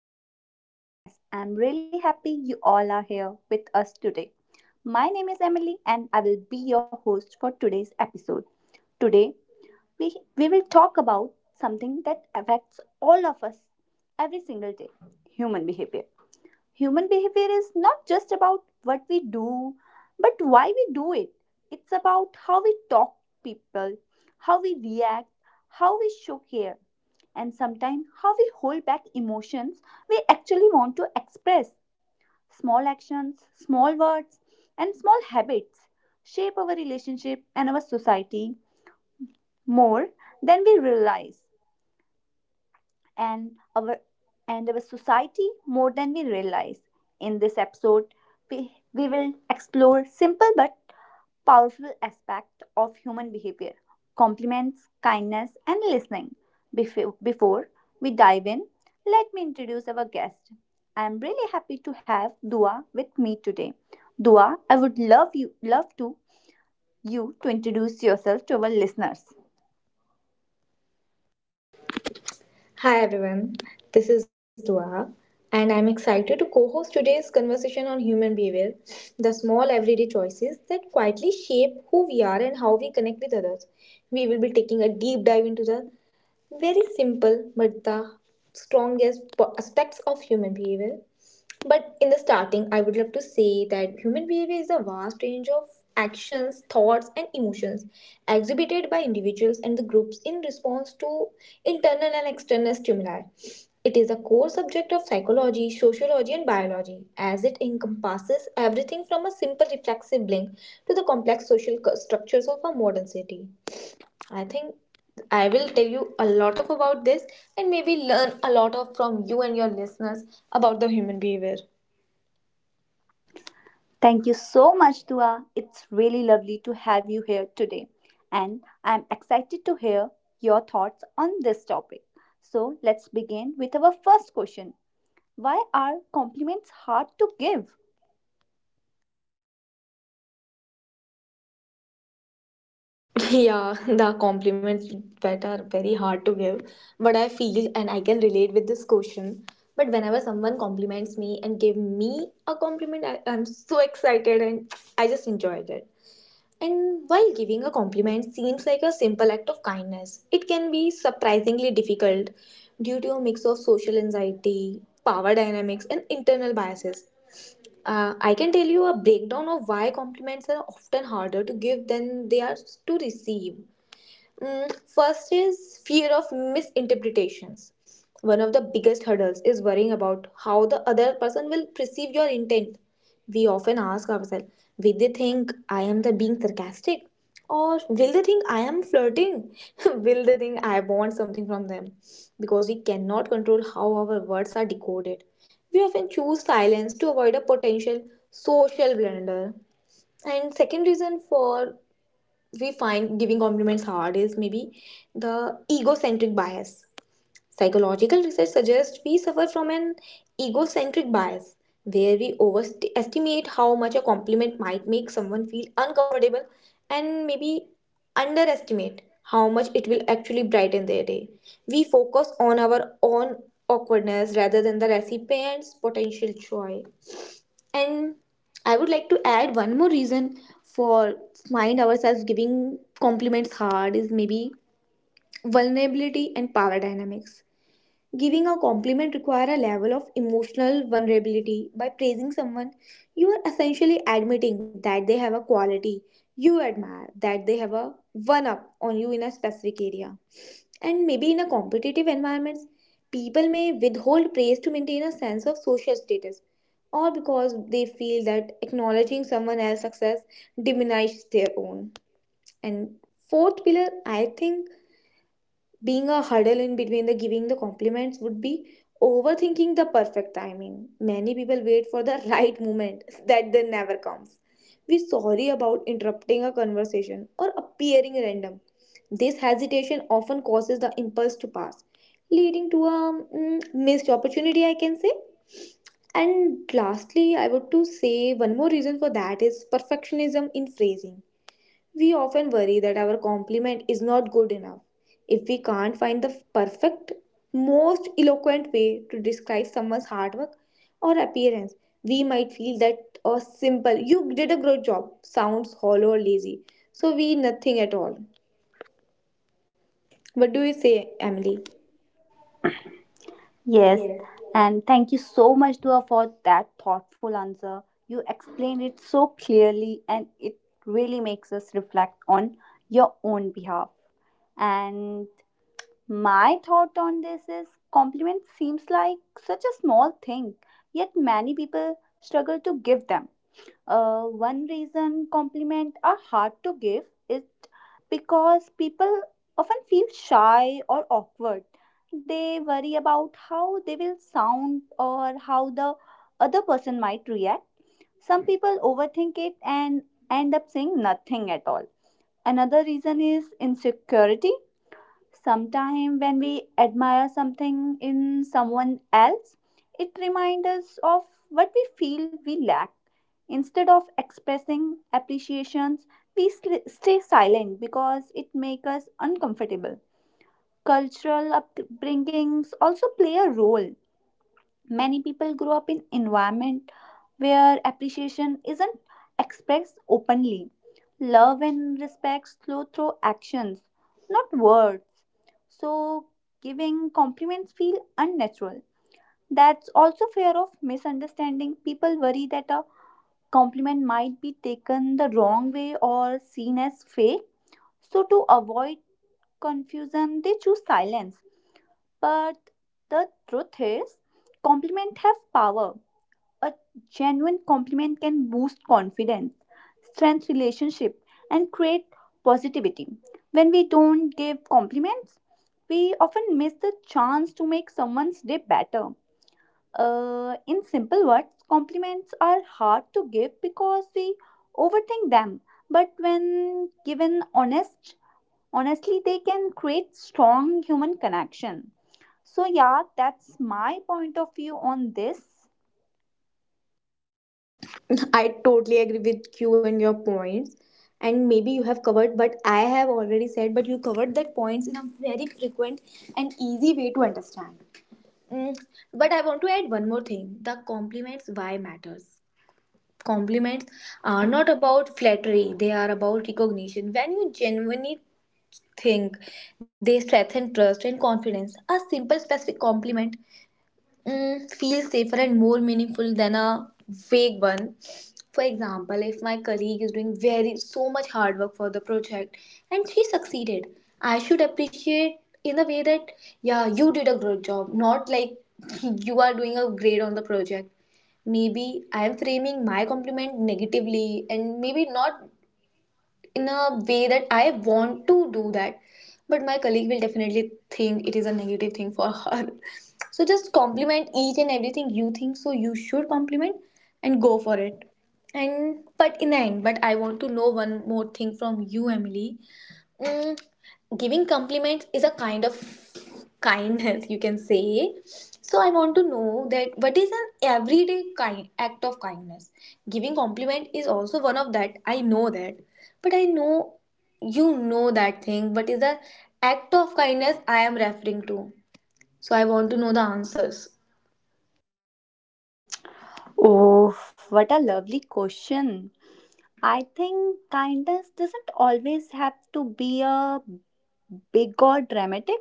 back to our podcast. I'm really happy you all are here with us today. My name is Emily and I will be your host for today's episode. Today, we, we will talk about something that affects all of us every single day, human behavior. Human behavior is not just about what we do, but why we do it. It's about how we talk to people, how we react, how we show care, and sometimes how we hold back emotions we actually want to express. Small actions, small words, and small habits shape our relationship and our society more than we realize and our and our society more than we realize. In this episode, we will explore simple but powerful aspect of human behavior, compliments, kindness, and listening. Before we dive in, let me introduce our guest. I am really happy to have Dua with me today. Dua, I would love you love to you to introduce yourself to our listeners. Hi everyone, this is Dua, and I'm excited to co host today's conversation on human behavior, the small everyday choices that quietly shape who we are and how we connect with others. We will be taking a deep dive into the very simple but the strongest aspects of human behavior. But in the starting, I would love to say that human behavior is a vast range of actions, thoughts, and emotions exhibited by individuals and the groups in response to internal and external stimuli. It is a core subject of psychology, sociology, and biology, as it encompasses everything from a simple reflexive blink to the complex social structures of our modern city. I think I will tell you a lot of about this and maybe learn a lot of from you and your listeners about the human behavior. Thank you so much, Dua. It's really lovely to have you here today. And I'm excited to hear your thoughts on this topic. So let's begin with our first question. Why are compliments hard to give? Yeah, the compliments that are very hard to give, but I feel and I can relate with this question. But whenever someone compliments me and give me a compliment, I'm so excited and I just enjoyed it. And while giving a compliment seems like a simple act of kindness, it can be surprisingly difficult due to a mix of social anxiety, power dynamics, and internal biases. I can tell you a breakdown of why compliments are often harder to give than they are to receive. First is fear of misinterpretations. One of the biggest hurdles is worrying about how the other person will perceive your intent. We often ask ourselves, will they think I am the being sarcastic? Or will they think I am flirting? Will they think I want something from them? Because we cannot control how our words are decoded. We often choose silence to avoid a potential social blunder. And second reason for we find giving compliments hard is maybe the egocentric bias. Psychological research suggests we suffer from an egocentric bias where we overestimate how much a compliment might make someone feel uncomfortable and maybe underestimate how much it will actually brighten their day. We focus on our own awkwardness rather than the recipient's potential joy. And I would like to add one more reason for find ourselves giving compliments hard is maybe vulnerability and power dynamics. Giving a compliment require a level of emotional vulnerability. By praising someone, you are essentially admitting that they have a quality you admire, that they have a one up on you in a specific area. And maybe in a competitive environment, people may withhold praise to maintain a sense of social status or because they feel that acknowledging someone else's success diminishes their own. And fourth pillar, I think being a huddle in between the giving the compliments would be overthinking the perfect timing. Many people wait for the right moment that then never comes. We sorry about interrupting a conversation or appearing random. This hesitation often causes the impulse to pass, leading to a missed opportunity, I can say. And lastly, I would to say one more reason for that is perfectionism in phrasing. We often worry that our compliment is not good enough if we can't find the perfect, most eloquent way to describe someone's hard work or appearance. We might feel that a simple "you did a great job" sounds hollow or lazy, so we nothing at all. What do you say, Emily? Yes, Yes. and thank you so much, Dua, for that thoughtful answer. You explained it so clearly, and it really makes us reflect on your own behalf. And my thought on this is compliment seems like such a small thing, yet many people struggle to give them. One reason compliment are hard to give is because people often feel shy or awkward. They worry about how they will sound or how the other person might react. Some people overthink it and end up saying nothing at all. Another reason is insecurity. Sometimes, when we admire something in someone else, it reminds us of what we feel we lack. Instead of expressing appreciations, we stay silent because it makes us uncomfortable. Cultural upbringings also play a role. Many people grow up in environment where appreciation isn't expressed openly. Love and respect flow through actions, not words. So giving compliments feel unnatural. That's also fear of misunderstanding. People worry that a compliment might be taken the wrong way or seen as fake. So to avoid confusion, they choose silence. But the truth is, compliments have power. A genuine compliment can boost confidence, strengthen relationship, and create positivity. When we don't give compliments, we often miss the chance to make someone's day better. In simple words, compliments are hard to give because we overthink them. But when given honestly, they can create strong human connection. So yeah, that's my point of view on this. I totally agree with you and your points. And maybe you have covered, but I have already said, but you covered that points in a very frequent and easy way to understand. Mm, but I want to add one more thing. The compliments why matters. Compliments are not about flattery, they are about recognition. When you genuinely think they strengthen trust and confidence, a simple specific compliment feels safer and more meaningful than a vague one. For example, if my colleague is doing very so much hard work for the project and she succeeded, I should appreciate in the way that yeah, you did a good job, not like you are doing a grade on the project. Maybe I am framing my compliment negatively and maybe not in a way that I want to do that. But my colleague will definitely think it is a negative thing for her. So just compliment each and everything you think so you should compliment and go for it. And but in the end, but I want to know one more thing from you, Emily. Mm, giving compliments is a kind of kindness, you can say. So I want to know that what is an everyday kind act of kindness? Giving compliment is also one of that. I know that, but I know you know that thing. What is the act of kindness I am referring to? So I want to know the answers. Oh, what a lovely question. I think kindness doesn't always have to be a big or dramatic.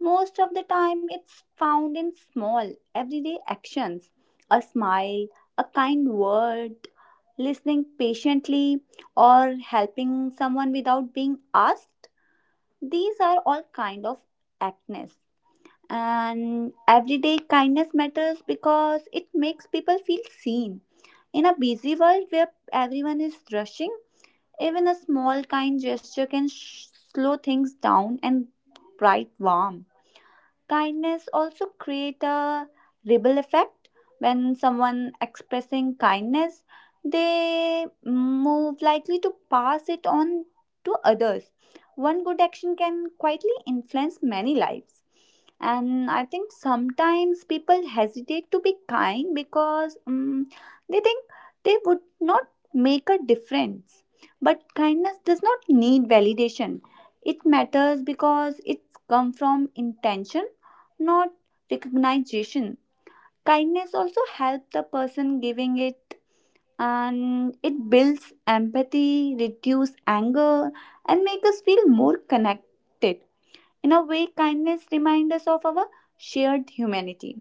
Most of the time, it's found in small, everyday actions, a smile, a kind word, listening patiently, or helping someone without being asked. These are all kind of actness. And everyday kindness matters because it makes people feel seen. In a busy world where everyone is rushing, even a small kind gesture can slow things down and bright warm. Kindness also create a ripple effect. When someone expressing kindness, they move likely to pass it on to others. One good action can quietly influence many lives. And I think sometimes people hesitate to be kind because they think they would not make a difference. But kindness does not need validation. It matters because it's come from intention, not recognition. Kindness also helps the person giving it and it builds empathy, reduces anger, and makes us feel more connected. In a way, kindness reminds us of our shared humanity.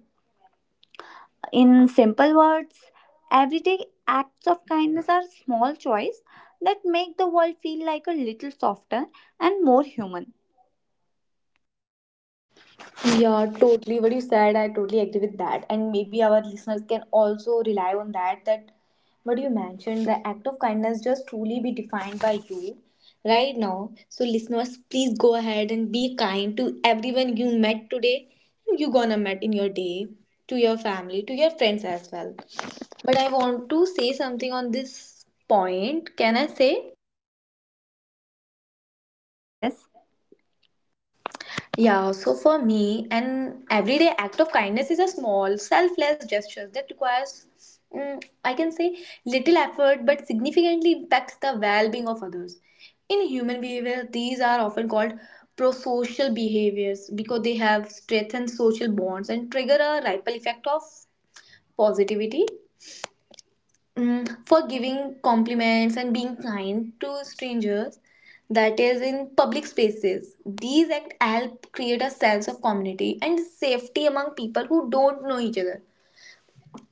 In simple words, everyday acts of kindness are small choices that make the world feel like a little softer and more human. Yeah, totally. What you said, I totally agree with that. And maybe our listeners can also rely on that. That what you mentioned, the act of kindness just truly be defined by you right now. So, listeners, please go ahead and be kind to everyone you met today, you gonna met in your day, to your family, to your friends as well. But I want to say something on this point. Can I say? Yes, yes. Yeah, so for me, an everyday act of kindness is a small, selfless gesture that requires, I can say, little effort but significantly impacts the well being of others. In human behavior, these are often called prosocial behaviors because they have strengthened social bonds and trigger a ripple effect of positivity, for giving compliments and being kind to strangers, that is in public spaces. These act help create a sense of community and safety among people who don't know each other.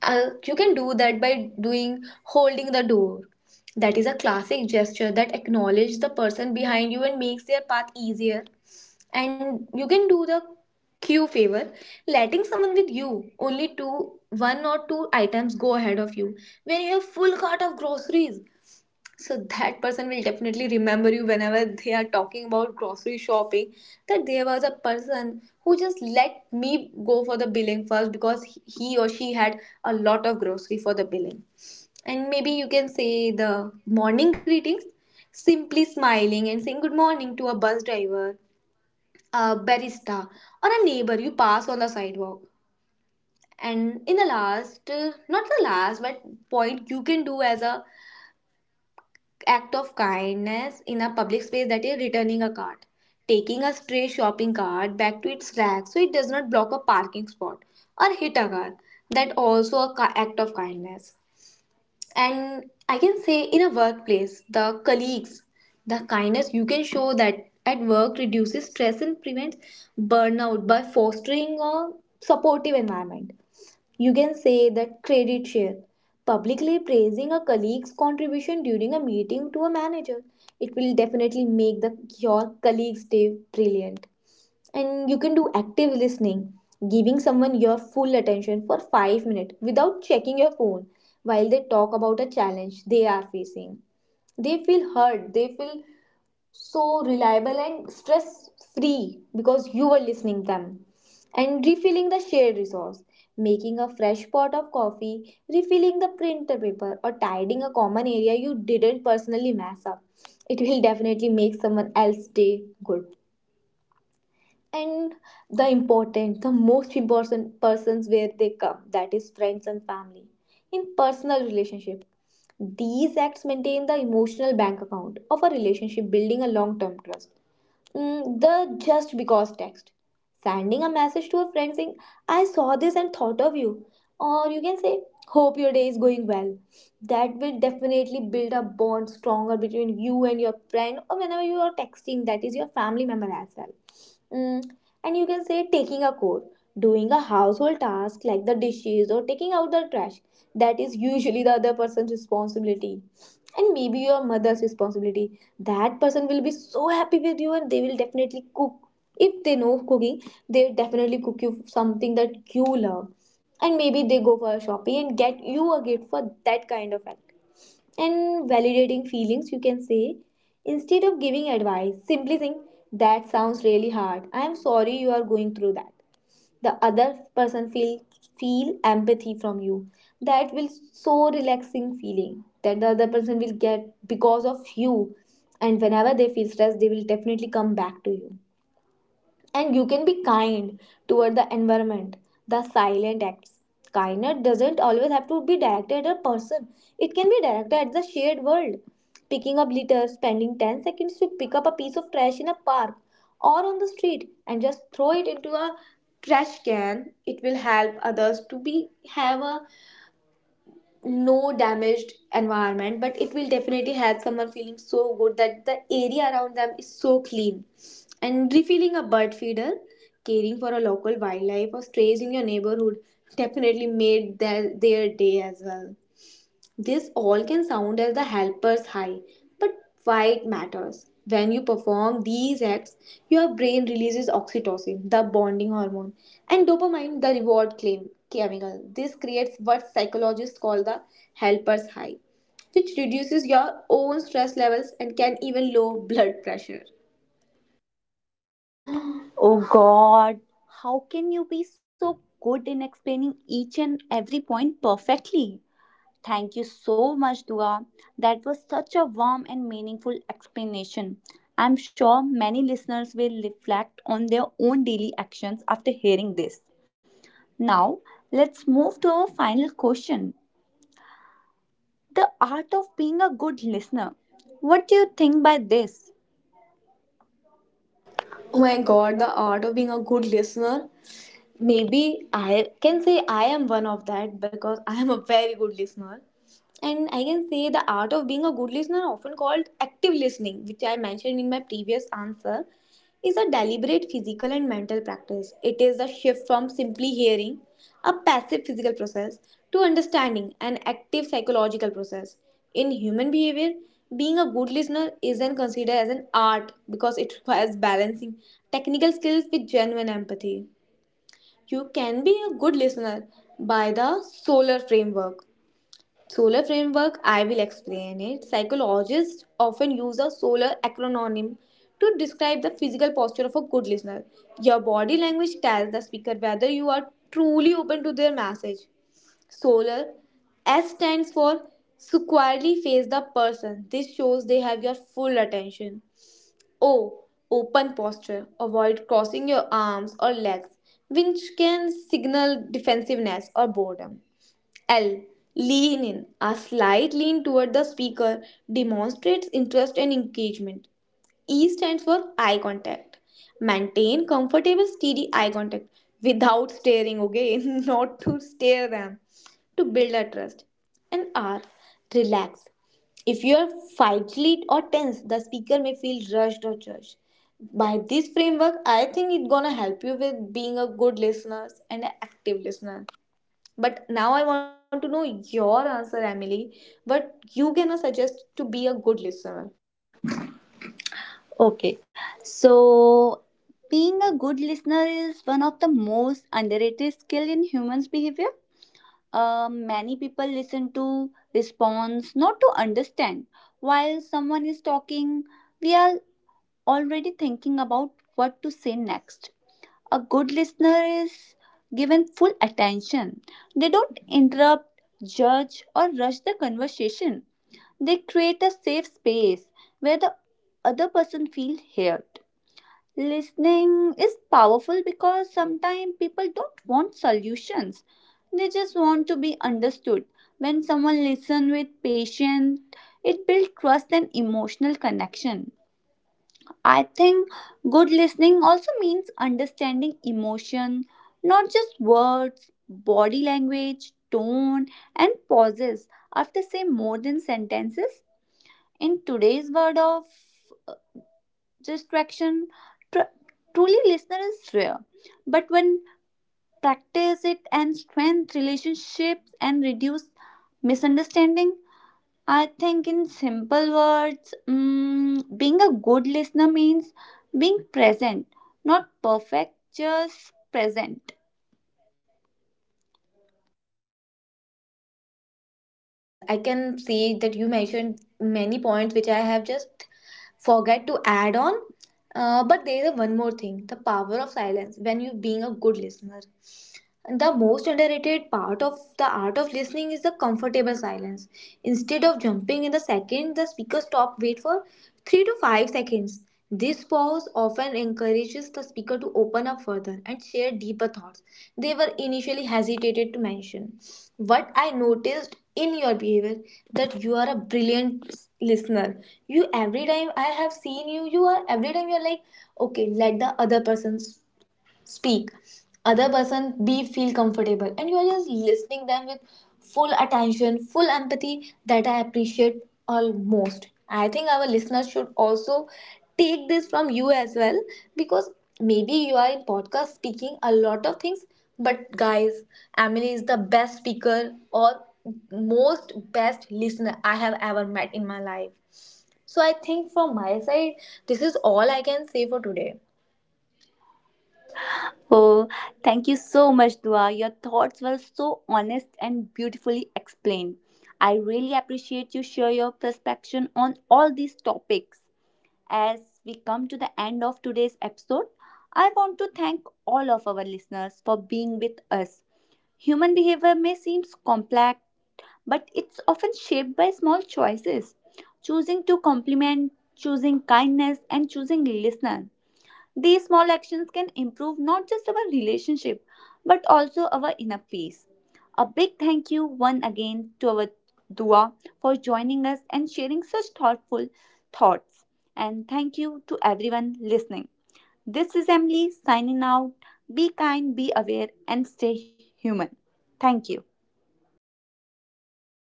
You can do that by doing holding the door, that is a classic gesture that acknowledges the person behind you and makes their path easier. And you can do the queue favor, letting someone with you only two one or two items go ahead of you when you have full cart of groceries, so that person will definitely remember you whenever they are talking about grocery shopping, that there was a person who just let me go for the billing first because he or she had a lot of grocery for the billing. And maybe you can say the morning greetings, simply smiling and saying good morning to a bus driver, a barista, or a neighbor you pass on the sidewalk. And in the last, not the last but point you can do as a act of kindness in a public space, that is returning a cart, taking a stray shopping cart back to its rack so it does not block a parking spot or hit a car, that also a act of kindness. And I can say in a workplace, the colleagues, the kindness you can show that at work reduces stress and prevents burnout by fostering a supportive environment. You can say that credit share. Publicly praising a colleague's contribution during a meeting to a manager, it will definitely make your colleague's day brilliant. And you can do active listening, giving someone your full attention for 5 minutes without checking your phone while they talk about a challenge they are facing. They feel heard, they feel so reliable and stress free because you were listening them. And refilling the shared resource, making a fresh pot of coffee, refilling the printer paper, or tidying a common area you didn't personally mess up, it will definitely make someone else's day good. And the important the most important persons where they come, that is friends and family. In personal relationship, these acts maintain the emotional bank account of a relationship, building a long term trust. The just because text, sending a message to a friend saying, I saw this and thought of you, or you can say, hope your day is going well. That will definitely build a bond stronger between you and your friend, or whenever you are texting, that is your family member as well. Mm, and you can say taking a code, doing a household task like the dishes or taking out the trash. That is usually the other person's responsibility. And maybe your mother's responsibility. That person will be so happy with you and they will definitely cook. If they know cooking, they definitely cook you something that you love. And maybe they go for a shopping and get you a gift for that kind of act. And validating feelings, you can say, instead of giving advice, simply saying, that sounds really hard. I am sorry you are going through that. The other person feel empathy from you. That will so relaxing feeling that the other person will get because of you. And whenever they feel stressed, they will definitely come back to you, and you can be kind toward the environment. The silent acts. Kindness doesn't always have to be directed at a person, it can be directed at the shared world. Picking up litter, spending 10 seconds to pick up a piece of trash in a park or on the street and just throw it into a trash can, it will help others to be, have a, no damaged environment, but it will definitely help someone feeling so good that the area around them is so clean. And refilling a bird feeder, caring for a local wildlife or strays in your neighborhood, definitely made their day as well. This all can sound as the helper's high, but why it matters. When you perform these acts, your brain releases oxytocin, the bonding hormone, and dopamine, the reward claim chemical. This creates what psychologists call the helper's high, which reduces your own stress levels and can even lower blood pressure. Oh God, how can you be so good in explaining each and every point perfectly? Thank you so much, Dua. That was such a warm and meaningful explanation. I'm sure many listeners will reflect on their own daily actions after hearing this. Now, let's move to our final question, the art of being a good listener. What do you think by this? Oh my god, the art of being a good listener. Maybe I can say I am one of that because I am a very good listener. And I can say the art of being a good listener, often called active listening, which I mentioned in my previous answer, is a deliberate physical and mental practice. It is a shift from simply hearing, a passive physical process, to understanding, an active psychological process. In human behavior, being a good listener isn't considered as an art because it requires balancing technical skills with genuine empathy. You can be a good listener by the solar framework. Solar framework, I will explain it. Psychologists often use a solar acronym to describe the physical posture of a good listener. Your body language tells the speaker whether you are truly open to their message. Solar. S stands for squarely face the person. This shows they have your full attention. O. Open posture. Avoid crossing your arms or legs, which can signal defensiveness or boredom. L. Lean in. A slight lean toward the speaker demonstrates interest and engagement. E stands for eye contact. Maintain comfortable, steady eye contact without staring, okay? Not to stare them. To build a trust. And R, relax. If you are fidgety or tense, the speaker may feel rushed or judged. By this framework, I think it's gonna help you with being a good listener and an active listener. But now I want to know your answer, Emily. What you gonna suggest to be a good listener? Okay, so being a good listener is one of the most underrated skill in humans behavior. Many people listen to response not to understand. While someone is talking, we are already thinking about what to say next. A good listener is given full attention. They don't interrupt, judge, or rush the conversation. They create a safe space where the other person feels heard. Listening is powerful because sometimes people don't want solutions. They just want to be understood. When someone listens with patience, it builds trust and emotional connection. I think good listening also means understanding emotion, not just words, body language, tone, and pauses after say more than sentences. In today's world of distraction, tr- truly listener is rare, but when practice it and strength relationships and reduce misunderstanding, I think in simple words, being a good listener means being present, not perfect, just present. Yeah, definitely yes. I can see that you mentioned many points which I have just forget to add on. But there is one more thing, the power of silence when you being a good listener. The most underrated part of the art of listening is the comfortable silence. Instead of jumping in the second the speaker stop, wait for 3 to 5 seconds. This pause often encourages the speaker to open up further and share deeper thoughts they were initially hesitated to mention. What I noticed in your behavior, that you are a brilliant listener. You, every time I have seen you, you are, every time you're like, okay, let the other person speak, other person be feel comfortable, and you are just listening them with full attention, full empathy, that I appreciate. Almost, I think our listeners should also take this from you as well, because maybe you are in podcast speaking a lot of things, but guys, Emily is the best speaker or most best listener I have ever met in my life. So I think from my side, this is all I can say for today. Oh, thank you so much, Dua. Your thoughts were so honest and beautifully explained. I really appreciate you share your perspective on all these topics. As we come to the end of today's episode, I want to thank all of our listeners for being with us. Human behavior may seem complex, but it's often shaped by small choices. Choosing to compliment, choosing kindness, and choosing listener, these small actions can improve not just our relationship but also our inner peace. A big thank you once again to our Dua for joining us and sharing such thoughtful thoughts. And thank you to everyone listening. This is Emily signing out. Be kind, be aware, and stay human. Thank you.